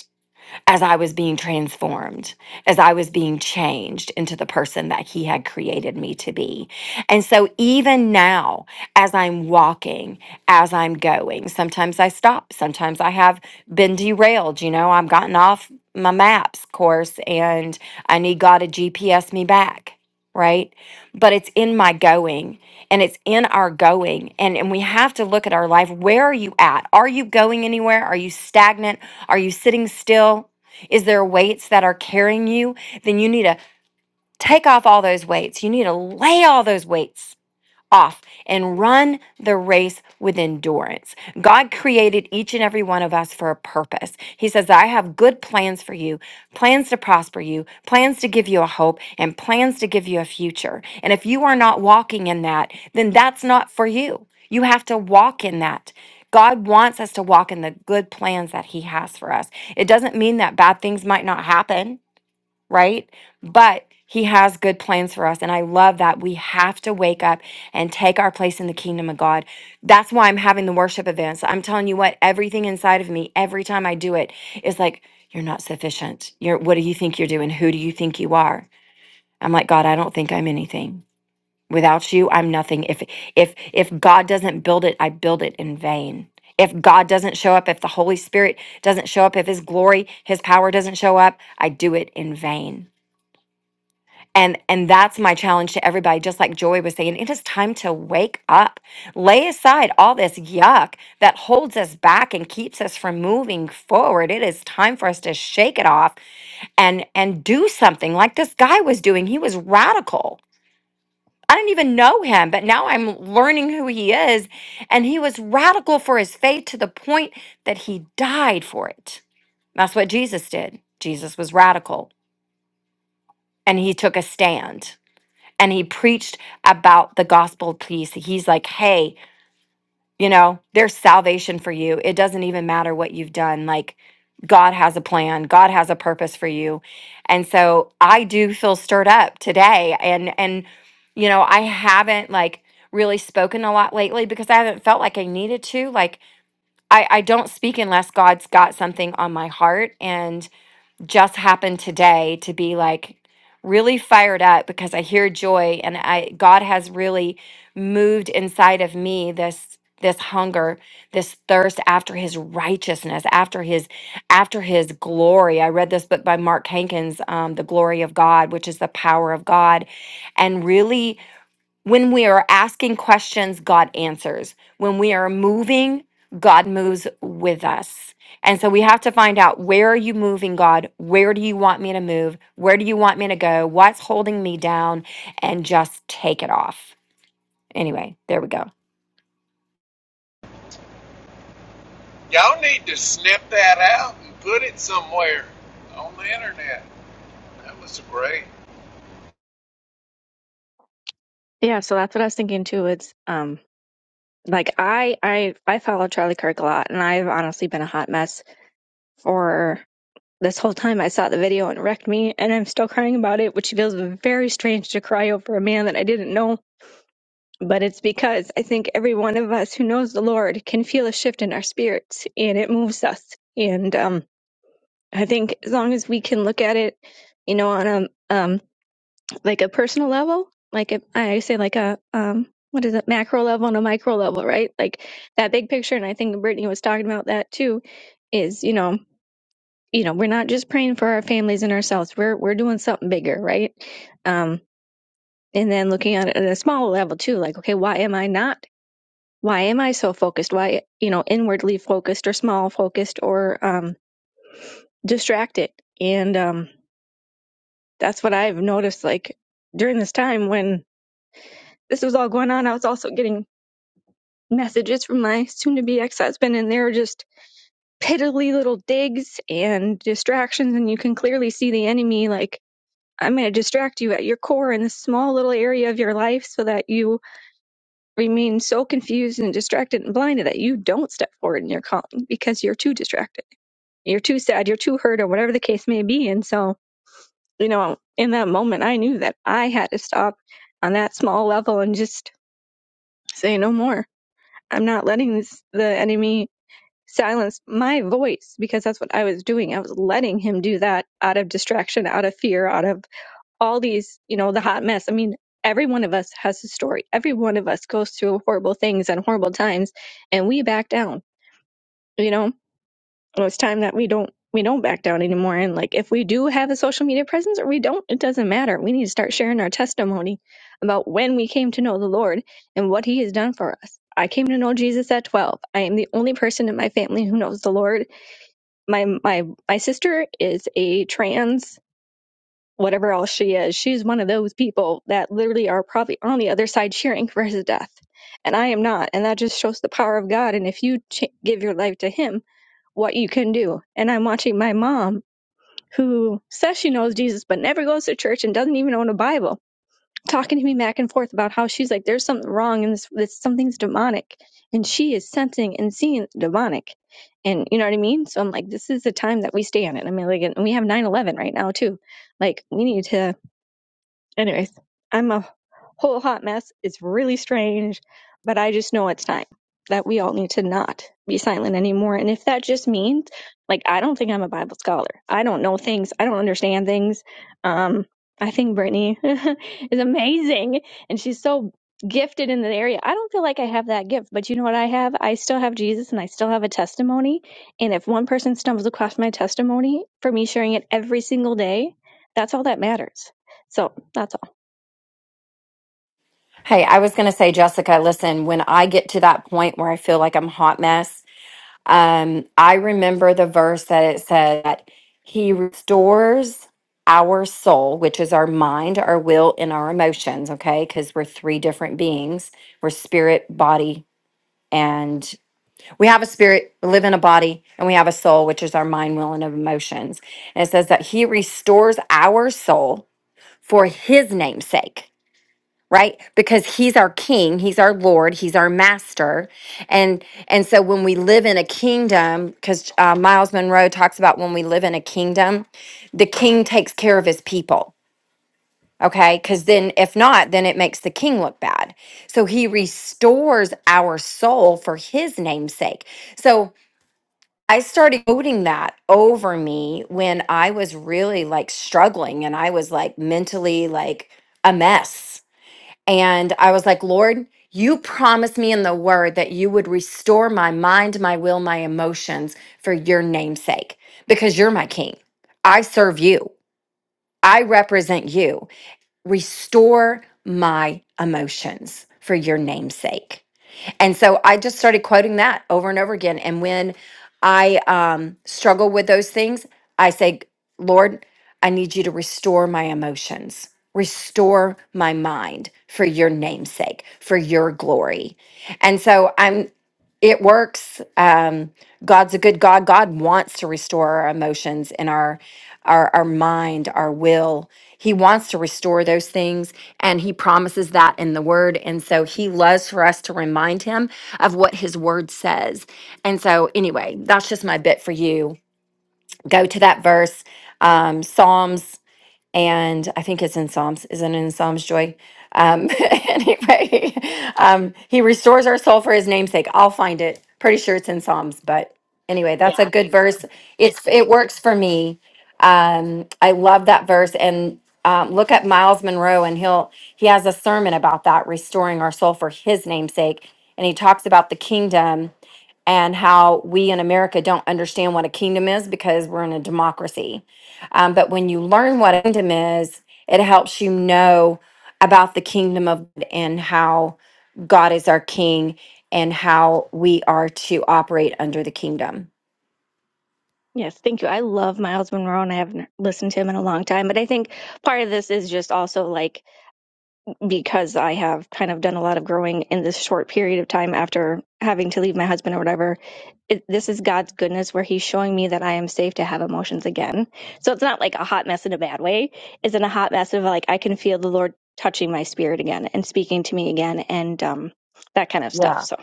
[SPEAKER 2] as I was being transformed, as I was being changed into the person that He had created me to be. And so, even now, as I'm walking, as I'm going, sometimes I stop, sometimes I have been derailed. You know, I've gotten off my maps course and I need God to GPS me back. Right. But it's in my going and it's in our going. And, and we have to look at our life. Where are you at? Are you going anywhere? Are you stagnant? Are you sitting still? Is there weights that are carrying you? Then you need to take off all those weights. You need to lay all those weights off and run the race with endurance. God created each and every one of us for a purpose. He says, I have good plans for you, plans to prosper you, plans to give you a hope, and plans to give you a future. And if you are not walking in that, then that's not for you. You have to walk in that. God wants us to walk in the good plans that He has for us. It doesn't mean that bad things might not happen right? But he has good plans for us. And I love that we have to wake up and take our place in the kingdom of God. That's why I'm having the worship events. I'm telling you what, everything inside of me, every time I do it, is like, you're not sufficient. You're what do you think you're doing? Who do you think you are? I'm like, God, I don't think I'm anything. Without you, I'm nothing. If if if God doesn't build it, I build it in vain. If God doesn't show up, if the Holy Spirit doesn't show up, if his glory, his power doesn't show up, I do it in vain and and that's my challenge to everybody just like joy was saying it is time to wake up lay aside all this yuck that holds us back and keeps us from moving forward it is time for us to shake it off and and do something like this guy was doing he was radical i didn't even know him but now i'm learning who he is and he was radical for his faith to the point that he died for it that's what jesus did jesus was radical and he took a stand and he preached about the gospel peace. He's like, hey, you know, there's salvation for you. It doesn't even matter what you've done. Like, God has a plan, God has a purpose for you. And so I do feel stirred up today. And, and, you know, I haven't like really spoken a lot lately because I haven't felt like I needed to. Like, I, I don't speak unless God's got something on my heart. and just happened today to be like really fired up because I hear joy and I God has really moved inside of me this this hunger, this thirst after his righteousness, after his after his glory. I read this book by Mark Hankins, um, The Glory of God, which is the power of God, and really when we are asking questions, God answers. When we are moving, God moves with us. And so we have to find out where are you moving, God? Where do you want me to move? Where do you want me to go? What's holding me down? And just take it off. Anyway, there we go.
[SPEAKER 5] Y'all need to snip that out and put it somewhere on the internet. That was great.
[SPEAKER 6] Yeah, so that's what I was thinking too. It's um like I I I follow Charlie Kirk a lot and I've honestly been a hot mess for this whole time I saw the video and it wrecked me and I'm still crying about it, which feels very strange to cry over a man that I didn't know. But it's because I think every one of us who knows the Lord can feel a shift in our spirits and it moves us. And um I think as long as we can look at it, you know, on a um like a personal level like if i say like a um what is it macro level and a micro level right like that big picture and i think brittany was talking about that too is you know you know we're not just praying for our families and ourselves we're we're doing something bigger right um and then looking at it at a smaller level too like okay why am i not why am i so focused why you know inwardly focused or small focused or um distracted and um that's what i've noticed like during this time when this was all going on i was also getting messages from my soon to be ex husband, and they're just piddly little digs and distractions. And you can clearly see the enemy like, I'm going to distract you at your core in this small little area of your life so that you remain so confused and distracted and blinded that you don't step forward in your calling because you're too distracted. You're too sad, you're too hurt, or whatever the case may be. And so, you know, in that moment, I knew that I had to stop on that small level and just say no more. I'm not letting this, the enemy silence my voice because that's what I was doing. I was letting him do that out of distraction, out of fear, out of all these, you know, the hot mess. I mean, every one of us has a story. Every one of us goes through horrible things and horrible times and we back down, you know? And it's time that we don't we don't back down anymore. And like if we do have a social media presence or we don't, it doesn't matter. We need to start sharing our testimony about when we came to know the Lord and what he has done for us. I came to know Jesus at 12. I am the only person in my family who knows the Lord my my my sister is a trans whatever else she is she's one of those people that literally are probably on the other side cheering for his death and i am not and that just shows the power of god and if you ch- give your life to him what you can do and i'm watching my mom who says she knows jesus but never goes to church and doesn't even own a bible talking to me back and forth about how she's like, there's something wrong and this, this something's demonic. And she is sensing and seeing demonic. And you know what I mean? So I'm like, this is the time that we stay on it. I mean, like, and we have 9 11 right now, too. Like, we need to Anyways, I'm a whole hot mess. It's really strange, but I just know it's time that we all need to not be silent anymore. And if that just means, like, I don't think I'm a Bible scholar. I don't know things. I don't understand things. Um, I think Brittany is amazing, and she's so gifted in the area. I don't feel like I have that gift, but you know what I have? I still have Jesus, and I still have a testimony. And if one person stumbles across my testimony for me sharing it every single day, that's all that matters. So that's all.
[SPEAKER 2] Hey, I was going to say, Jessica, listen, when I get to that point where I feel like I'm a hot mess, Um, I remember the verse that it said that He restores our soul, which is our mind, our will, and our emotions, okay? Because we're three different beings we're spirit, body, and we have a spirit, we live in a body, and we have a soul, which is our mind, will, and emotions. And it says that He restores our soul for His name's sake right because he's our king he's our lord he's our master and and so when we live in a kingdom because uh, miles monroe talks about when we live in a kingdom the king takes care of his people okay because then if not then it makes the king look bad so he restores our soul for his name's sake so i started quoting that over me when i was really like struggling and i was like mentally like a mess and I was like, Lord, you promised me in the word that you would restore my mind, my will, my emotions for your namesake, because you're my king. I serve you, I represent you. Restore my emotions for your namesake. And so I just started quoting that over and over again. And when I um, struggle with those things, I say, Lord, I need you to restore my emotions, restore my mind for your namesake, for your glory. And so I'm, it works. Um, God's a good God. God wants to restore our emotions and our, our, our mind, our will. He wants to restore those things and he promises that in the word. And so he loves for us to remind him of what his word says. And so, anyway, that's just my bit for you. Go to that verse, um, Psalms and I think it's in Psalms, isn't it in Psalms, Joy? Um, anyway, um, he restores our soul for his namesake. I'll find it. Pretty sure it's in Psalms, but anyway,
[SPEAKER 1] Yeah,
[SPEAKER 2] that's a
[SPEAKER 1] I
[SPEAKER 2] good
[SPEAKER 1] think so.
[SPEAKER 2] verse. It's it works for me. Um, I love that verse. And um, look at Miles Monroe, and he'll he has a sermon about that, restoring our soul for his namesake, and he talks about the kingdom and how we in America don't understand what a kingdom is because we're in a democracy. Um, but when you learn what a kingdom is, it helps you know about the kingdom of God and how God is our king and how we are to operate under the kingdom.
[SPEAKER 6] Yes, thank you. I love Miles Monroe and I haven't listened to him in a long time. But I think part of this is just also like because I have kind of done a lot of growing in this short period of time after having to leave my husband or whatever. It, this is God's goodness where he's showing me that I am safe to have emotions again. So it's not like a hot mess in a bad way. It's in a hot mess of like I can feel the Lord touching my spirit again and speaking to me again and um, that kind of stuff.
[SPEAKER 2] Yeah.
[SPEAKER 6] So.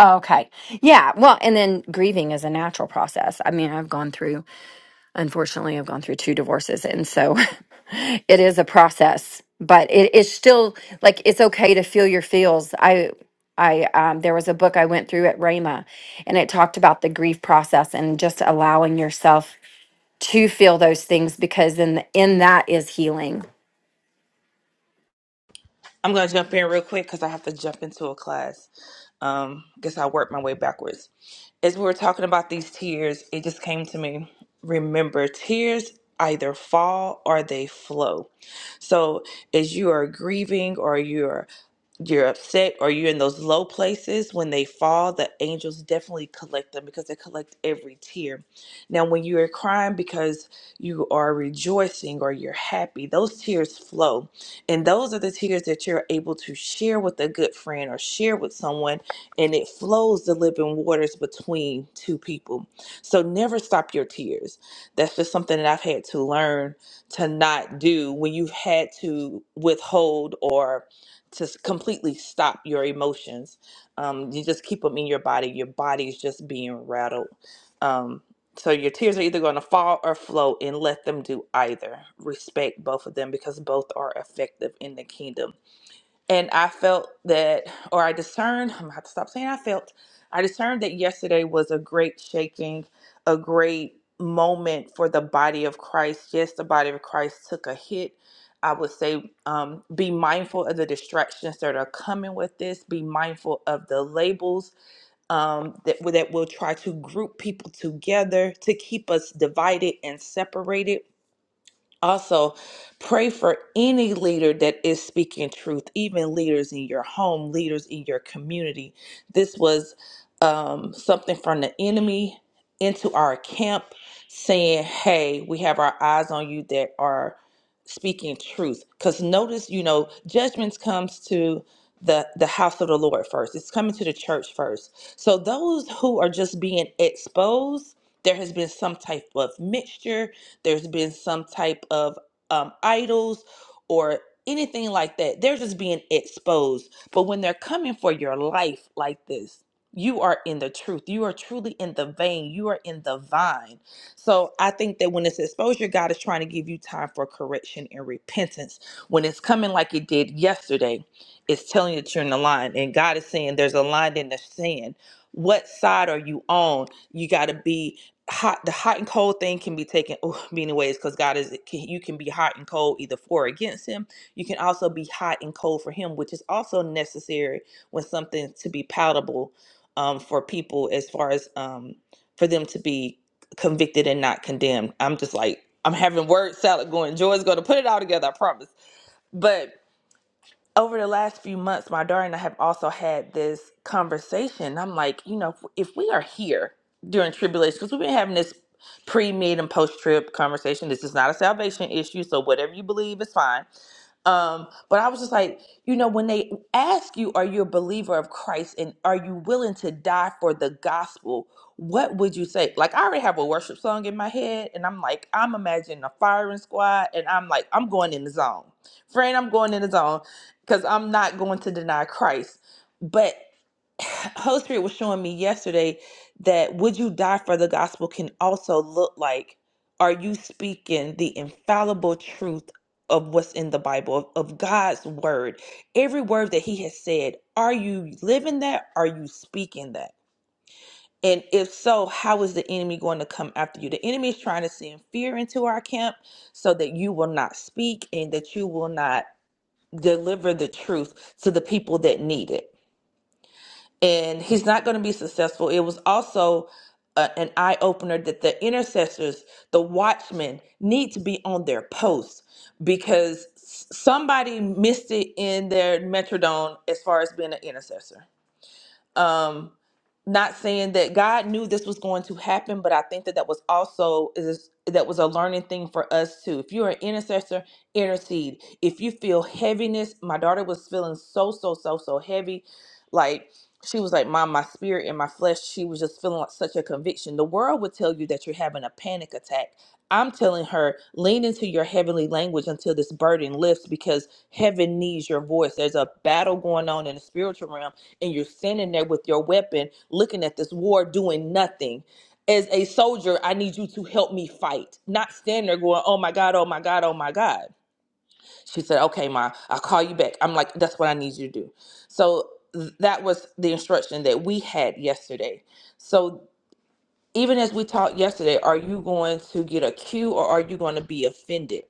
[SPEAKER 2] Okay. Yeah. Well, and then grieving is a natural process. I mean, I've gone through Unfortunately, I've gone through two divorces. And so it is a process, but it is still like it's okay to feel your feels. I, I, um, there was a book I went through at Rhema and it talked about the grief process and just allowing yourself to feel those things because in, in that is healing.
[SPEAKER 3] I'm gonna jump in real quick because I have to jump into a class. Um, guess I work my way backwards. As we were talking about these tears, it just came to me. Remember, tears either fall or they flow. So, as you are grieving or you're you're upset or you're in those low places, when they fall, the angels definitely collect them because they collect every tear. Now, when you are crying because you are rejoicing or you're happy, those tears flow. And those are the tears that you're able to share with a good friend or share with someone, and it flows the living waters between two people. So never stop your tears. That's just something that I've had to learn to not do when you've had to withhold or to s- completely stop your emotions. Um, you just keep them in your body. Your body is just being rattled. Um, so your tears are either going to fall or flow, and let them do either. Respect both of them because both are effective in the kingdom and I felt that, or I discerned, I'm gonna have to stop saying I felt, I discerned that yesterday was a great shaking, a great moment for the body of Christ. Yes, the body of Christ took a hit. I would say um, be mindful of the distractions that are coming with this, be mindful of the labels um, that, that will try to group people together to keep us divided and separated also, pray for any leader that is speaking truth, even leaders in your home, leaders in your community. This was um, something from the enemy into our camp saying, hey, we have our eyes on you that are speaking truth. Because notice, you know, judgments comes to the, the house of the Lord first. It's coming to the church first. So those who are just being exposed, there has been some type of mixture there's been some type of um, idols or anything like that. They're just being exposed. But when they're coming for your life like this, you are in the truth. You are truly in the vein. You are in the vine. So I think that when it's exposure, God is trying to give you time for correction and repentance. When it's coming like it did yesterday, it's telling you that you're in the line. And God is saying there's a line in the sand. What side are you on? You got to be hot the hot and cold thing can be taken oh, many ways because god is can, you can be hot and cold either for or against him you can also be hot and cold for him which is also necessary when something to be palatable um, for people as far as um, for them to be convicted and not condemned i'm just like i'm having word salad going joy's going to put it all together i promise but over the last few months, my daughter and I have also had this conversation. I'm like, you know, if, if we are here during tribulation, because we've been having this pre, mid, and post trib conversation. This is not a salvation issue, so whatever you believe is fine. Um, but I was just like, you know, when they ask you, are you a believer of Christ and are you willing to die for the gospel? What would you say? Like, I already have a worship song in my head, and I'm like, I'm imagining a firing squad, and I'm like, I'm going in the zone. Friend, I'm going in the zone because I'm not going to deny Christ. But Holy Spirit was showing me yesterday that would you die for the gospel can also look like are you speaking the infallible truth of what's in the Bible, of, of God's word? Every word that He has said, are you living that? Are you speaking that? And if so, how is the enemy going to come after you? The enemy is trying to send fear into our camp so that you will not speak and that you will not deliver the truth to the people that need it. And he's not going to be successful. It was also uh, an eye opener that the intercessors, the watchmen, need to be on their posts because s- somebody missed it in their metrodome as far as being an intercessor um not saying that god knew this was going to happen but i think that that was also is that was a learning thing for us too if you're an intercessor intercede if you feel heaviness my daughter was feeling so so so so heavy like she was like mom my spirit and my flesh she was just feeling like such a conviction the world would tell you that you're having a panic attack i'm telling her lean into your heavenly language until this burden lifts because heaven needs your voice there's a battle going on in the spiritual realm and you're standing there with your weapon looking at this war doing nothing as a soldier i need you to help me fight not stand there going oh my god oh my god oh my god she said okay ma i'll call you back i'm like that's what i need you to do so th- that was the instruction that we had yesterday so even as we talked yesterday are you going to get a cue or are you going to be offended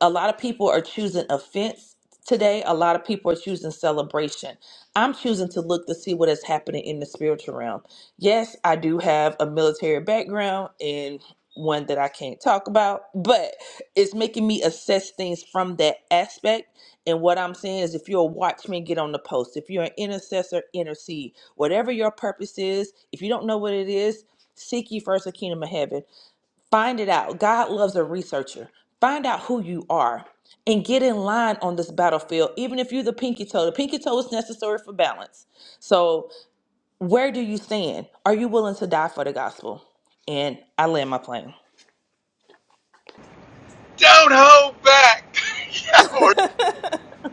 [SPEAKER 3] a lot of people are choosing offense today. A lot of people are choosing celebration. I'm choosing to look to see what is happening in the spiritual realm. Yes, I do have a military background and one that I can't talk about, but it's making me assess things from that aspect. And what I'm saying is, if you're a watchman, get on the post. If you're an intercessor, intercede. Whatever your purpose is, if you don't know what it is, seek ye first the kingdom of heaven. Find it out. God loves a researcher. Find out who you are and get in line on this battlefield, even if you're the pinky toe. The pinky toe is necessary for balance. So, where do you stand? Are you willing to die for the gospel? And I land my plane.
[SPEAKER 5] Don't hold back. Y'all, are,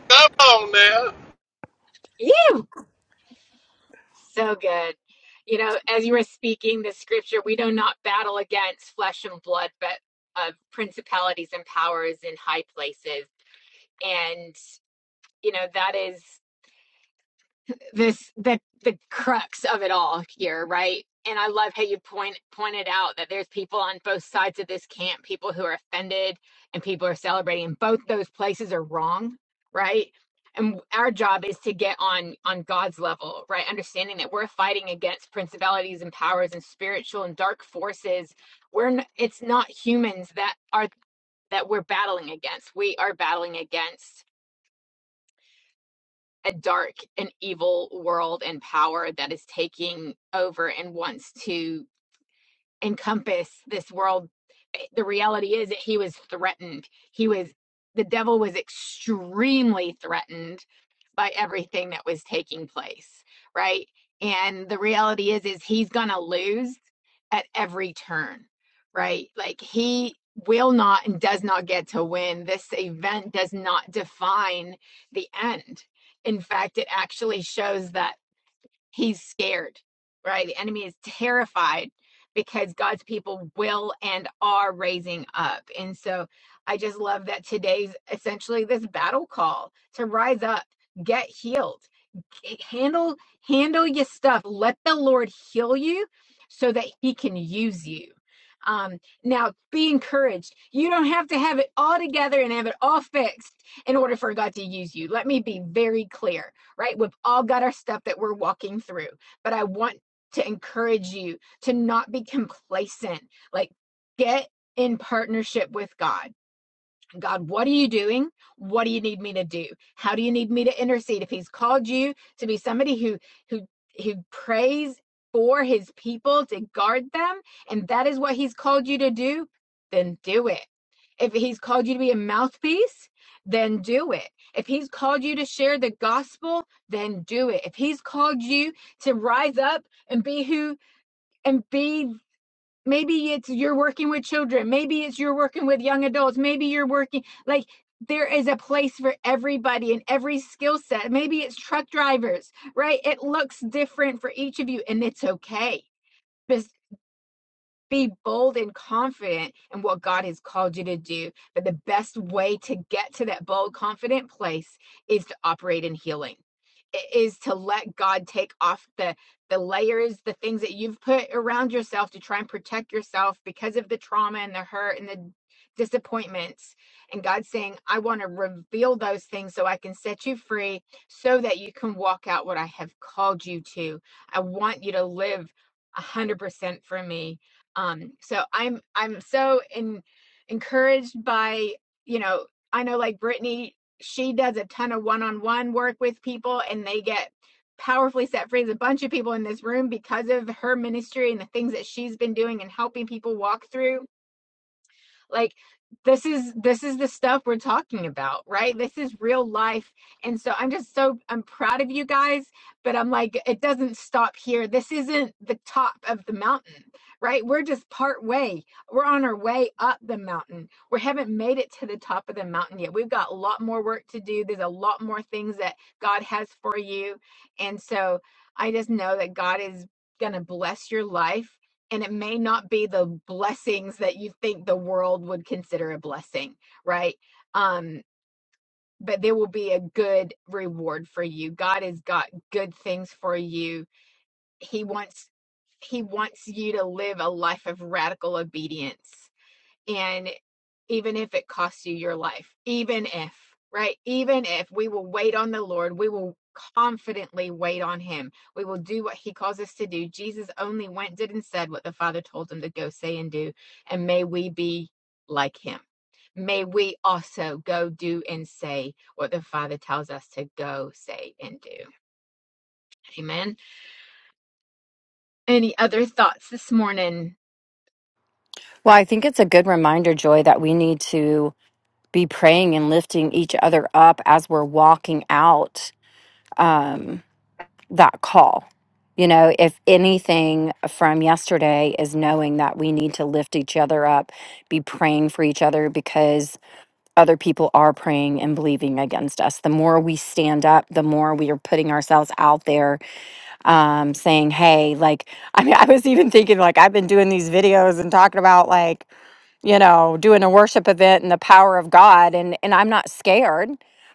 [SPEAKER 5] come on now.
[SPEAKER 1] You so good. You know, as you were speaking the scripture, we do not battle against flesh and blood, but of principalities and powers in high places. And you know that is. this the the crux of it all here, right? And I love how you point pointed out that there's people on both sides of this camp, people who are offended and people are celebrating. And Both those places are wrong, right? And our job is to get on on God's level, right? Understanding that we're fighting against principalities and powers and spiritual and dark forces. We're n- it's not humans that are that we're battling against. We are battling against a dark and evil world and power that is taking over and wants to encompass this world. Eh, The reality is that he was threatened. He was, the devil was extremely threatened by everything that was taking place, right? And the reality is, is he's going to lose at every turn, right? Like he will not and does not get to win. This event does not define the end. In fact, it actually shows that he's scared, right? The enemy is terrified because God's people will and are raising up. And so I just love that today's essentially this battle call to rise up, get healed eh, handle handle your stuff. Let the Lord heal you so that he can use you. Um, now be encouraged. You don't have to have it all together and have it all fixed in order for God to use you. Let me be very clear, right? We've all got our stuff that we're walking through, but I want to encourage you to not be complacent. Like get in partnership with God God, what are you doing? What do you need me to do? How do you need me to intercede? If he's called you to be somebody who who who prays for his people to guard them, and that is what he's called you to do, then do it. If he's called you to be a mouthpiece, then do it. If he's called you to share the gospel, then do it. If he's called you to rise up and be who and be maybe it's you're working with children maybe it's you're working with young adults maybe you're working like there is a place for everybody and every skill set maybe it's truck drivers right it looks different for each of you and it's okay Because be bold and confident in what God has called you to do. But the best way to get to that bold, confident place is to operate in healing. It is to let God take off the the layers, the things that you've put around yourself to try and protect yourself because of the trauma and the hurt and the disappointments. And God's saying, I want to reveal those things so I can set you free so that you can walk out what I have called you to. I want you to live 100% for me um so i'm i'm so in, encouraged by you know i know like brittany she does a ton of one-on-one work with people and they get powerfully set free There's a bunch of people in this room because of her ministry and the things that she's been doing and helping people walk through like this is this is the stuff we're talking about right this is real life and so i'm just so i'm proud of you guys but i'm like it doesn't stop here this isn't the top of the mountain right we're just part way we're on our way up the mountain we haven't made it to the top of the mountain yet we've got a lot more work to do there's a lot more things that god has for you and so i just know that god is going to bless your life and it may not be the blessings that you think the world would consider a blessing, right? Um, but there will be a good reward for you. God has got good things for you. He wants he wants you to live a life of radical obedience. and even if it costs you your life, even if, right? Even if we will wait on the Lord, we will confidently wait on him. We will do what he calls us to do. Jesus only went, did, and said what the Father told him to go say and do. And may we be like him. May we also go do and say what the Father tells us to go say and do. Amen. Any other thoughts this morning?
[SPEAKER 2] Well, I think it's a good reminder, Joy, that we need to be praying and lifting each other up as we're walking out. Um that call. You know, if anything from yesterday is knowing that we need to lift each other up, be praying for each other because other people are praying and believing against us. The more we stand up, the more we are putting ourselves out there um, saying, hey, like, I mean, I was even thinking, like, I've been doing these videos and talking about, like, you know, doing a worship event and the power of God, and and I'm not scared,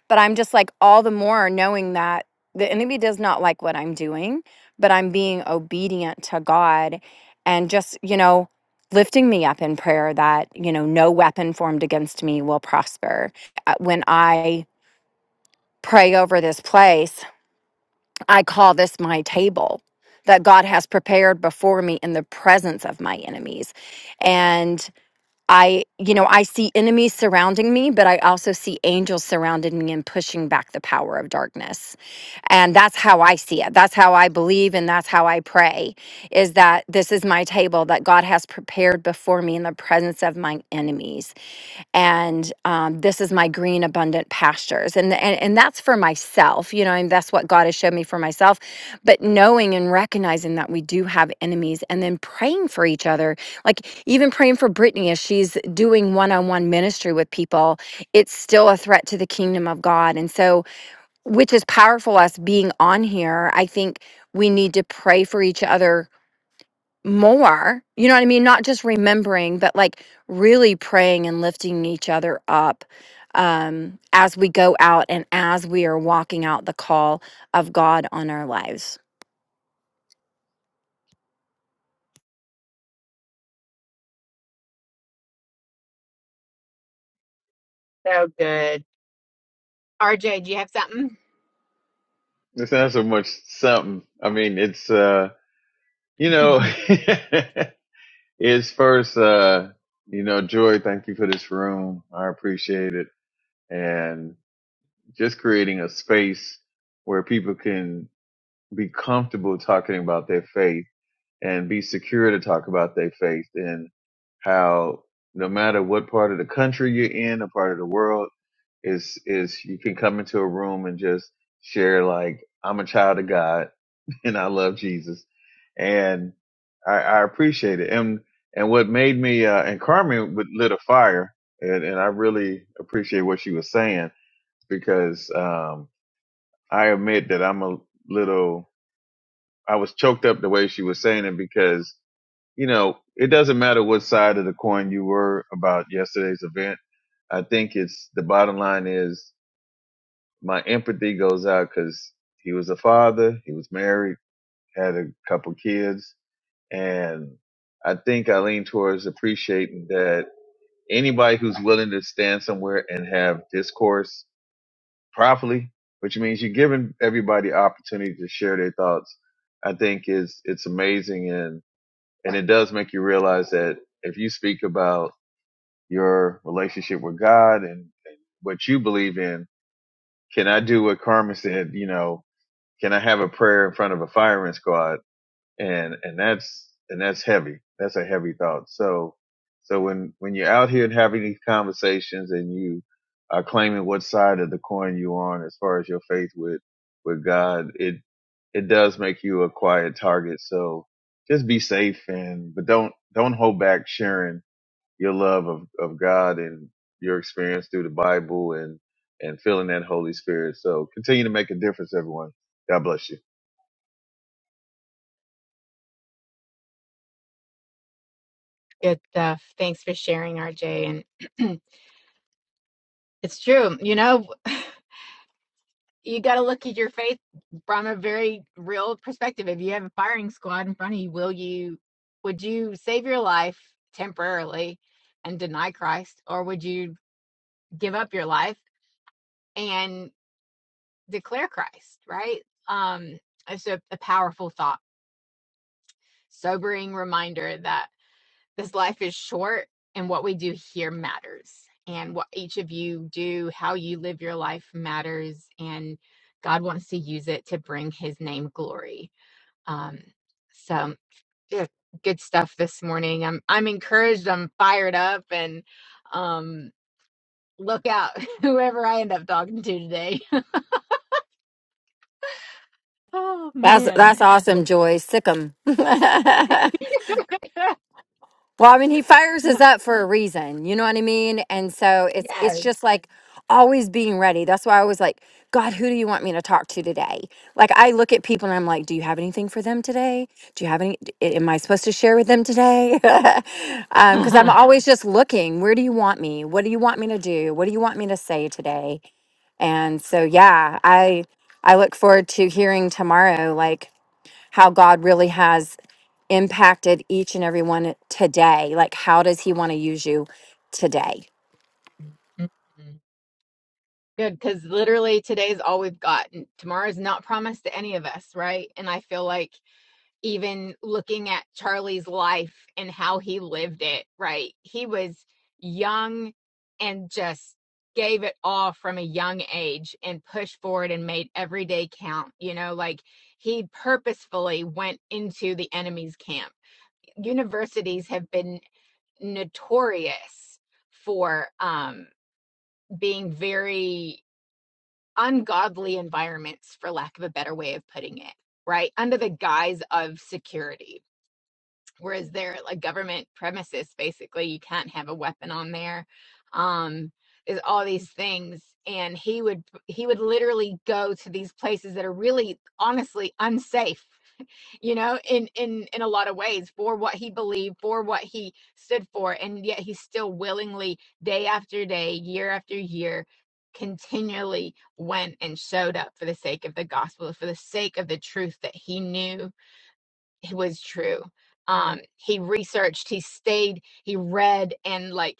[SPEAKER 2] but I'm just like all the more knowing that the enemy does not like what I'm doing, but I'm being obedient to God, and just you know, lifting me up in prayer that you know no weapon formed against me will prosper. Uh, When I pray over this place I call this my table that God has prepared before me in the presence of my enemies. And I, you know, I see enemies surrounding me, but I also see angels surrounding me and pushing back the power of darkness. And that's how I see it. That's how I believe and that's how I pray is that this is my table that God has prepared before me in the presence of my enemies. And um, this is my green, abundant pastures. And, and, and that's for myself, you know, and that's what God has showed me for myself. But knowing and recognizing that we do have enemies and then praying for each other like even praying for Brittany as she's doing one on one ministry with people, it's still a threat to the kingdom of God. And so, which is powerful, us being on here, I think we need to pray for each other more. You know what I mean? Not just remembering, but like really praying and lifting each other up um, as we go out and as we are walking out the call of God on our lives.
[SPEAKER 1] So good. RJ, do you have something?
[SPEAKER 7] It's not so much something. I mean, it's uh, you know, it's first uh, you know, Joy, thank you for this room. I appreciate it. And just creating a space where people can be comfortable talking about their faith and be secure to talk about their faith and how no matter what part of the country you're in, a part of the world, is is you can come into a room and just share like I'm a child of God and I love Jesus, and I, I appreciate it. And and what made me uh, and Carmen would lit a fire, and and I really appreciate what she was saying because um, I admit that I'm a little I was choked up the way she was saying it because you know, it doesn't matter what side of the coin you were about yesterday's event. I think it's the bottom line is my empathy goes out because he was a father, he was married, had a couple kids, and I think I lean towards appreciating that anybody who's willing to stand somewhere and have discourse properly, which means you're giving everybody opportunity to share their thoughts. I think is it's amazing and and it does make you realize that if you speak about your relationship with God and, and what you believe in, can I do what Carmen said? You know, can I have a prayer in front of a firing squad? and and that's and that's heavy that's a heavy thought so so when when you're out here and having these conversations and you are claiming what side of the coin you're on as far as your faith with with god it it does make you a quiet target so just be safe and but don't don't hold back sharing your love of of god and your experience through the bible and and feeling that holy spirit so continue to make a difference everyone god bless you
[SPEAKER 1] Good stuff. Thanks for sharing, RJ. And It's true. You know, you got to look at your faith from a very real perspective. If you have a firing squad in front of you, will you, would you save your life temporarily and deny Christ, or would you give up your life and declare Christ? Right. Um, it's a, a powerful thought, sobering reminder that. this life is short and what we do here matters and what each of you do how you live your life matters and god wants to use it to bring his name glory um so yeah good stuff this morning i'm i'm encouraged i'm fired up and um look out whoever i end up talking to today oh
[SPEAKER 2] That's
[SPEAKER 1] man
[SPEAKER 2] that's awesome, Joy. Sick 'em. Well, I mean, he fires us up for a reason. You know what I mean? And so it's it's just like always being ready. That's why I was like, God, who do you want me to talk to today? Like I look at people and I'm like, do you have anything for them today? Do you have any d- a- am I supposed to share with them today? um cuz I'm
[SPEAKER 1] yeah.
[SPEAKER 2] always just looking, where do you want me? What do you want me to do? What do you want me to say today? And so yeah, I I look forward to hearing tomorrow like how God really has impacted each and every one today? Like, how does he want to use you today?
[SPEAKER 1] Good, because literally today's all we've got. and Tomorrow's not promised to any of us, right? And I feel like even looking at Charlie's life and how he lived it, right? He was young and just gave it all from a young age and pushed forward and made every day count. You know, like he purposefully went into the enemy's camp. Universities have been notorious for um, being very ungodly environments, for lack of a better way of putting it, right? Under the guise of security. Whereas they're like government premises, basically, you can't have a weapon on there. Um, there's all these things. And he would he would literally go to these places that are really honestly unsafe you know in in in a lot of ways for what he believed for what he stood for and yet he still willingly day after day year after year continually went and showed up for the sake of the gospel for the sake of the truth that he knew was true um he researched he stayed he read and like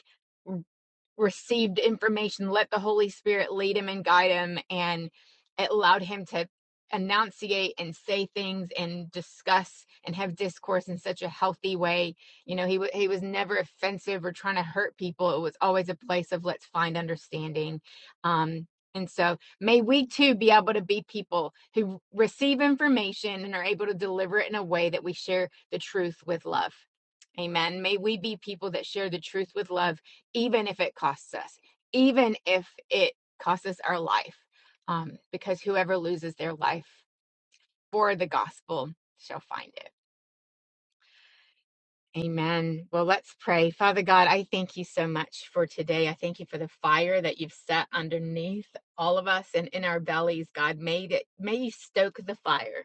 [SPEAKER 1] received information, let the Holy Spirit lead him and guide him, and it allowed him to enunciate and say things and discuss and have discourse in such a healthy way. You know, he wa he was never offensive or trying to hurt people. It was always a place of let's find understanding. Um, and so may we too be able to be people who receive information and are able to deliver it in a way that we share the truth with love. Amen. May we be people that share the truth with love even if it costs us, even if it costs us our life, um, because whoever loses their life for the gospel shall find it. Amen. Well, let's pray. Father God, I thank you so much for today. I thank you for the fire that you've set underneath all of us and in our bellies, God. May it may you stoke the fire.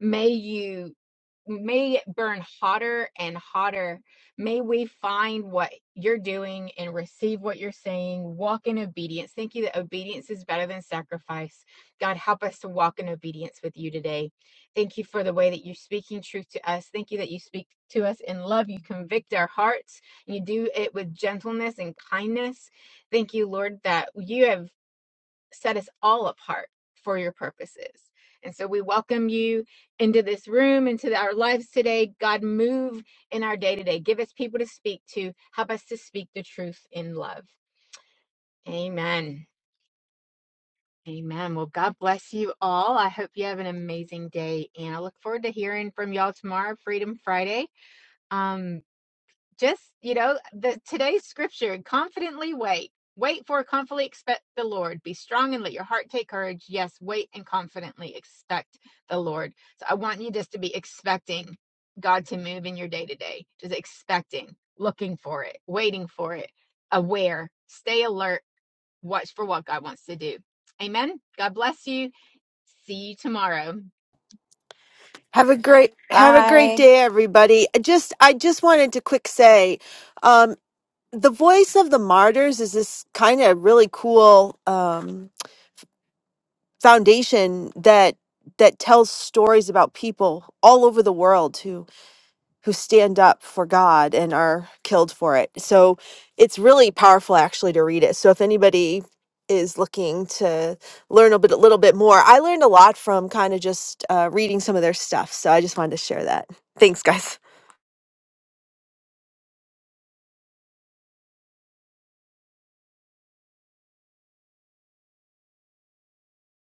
[SPEAKER 1] May you may it burn hotter and hotter. May we find what you're doing and receive what you're saying. Walk in obedience. Thank you that obedience is better than sacrifice. God, help us to walk in obedience with you today. Thank you for the way that you're speaking truth to us. Thank you that you speak to us in love. You convict our hearts. You do it with gentleness and kindness. Thank you, Lord, that you have set us all apart for your purposes. And so we welcome you into this room, into our lives today. God, move in our day to day. Give us people to speak to. Help us to speak the truth in love. Amen. Amen. Well, God bless you all. I hope you have an amazing day. And I look forward to hearing from y'all tomorrow, Freedom Friday. Um, just you know the today's scripture confidently wait wait for confidently expect the lord be strong and let your heart take courage yes wait and confidently expect the lord so i want you just to be expecting god to move in your day to day just expecting looking for it waiting for it aware stay alert watch for what god wants to do amen god bless you see you tomorrow
[SPEAKER 8] Have a great have a great day, everybody. I Just I just wanted to quick say, um, the voice of the martyrs is this kind of really cool um, foundation that that tells stories about people all over the world who stand up for God and are killed for it. So it's really powerful actually to read it. So if anybody is looking to learn a bit a little bit more, I learned a lot from kind of just uh, reading some of their stuff. So I just wanted to share that. Thanks, guys.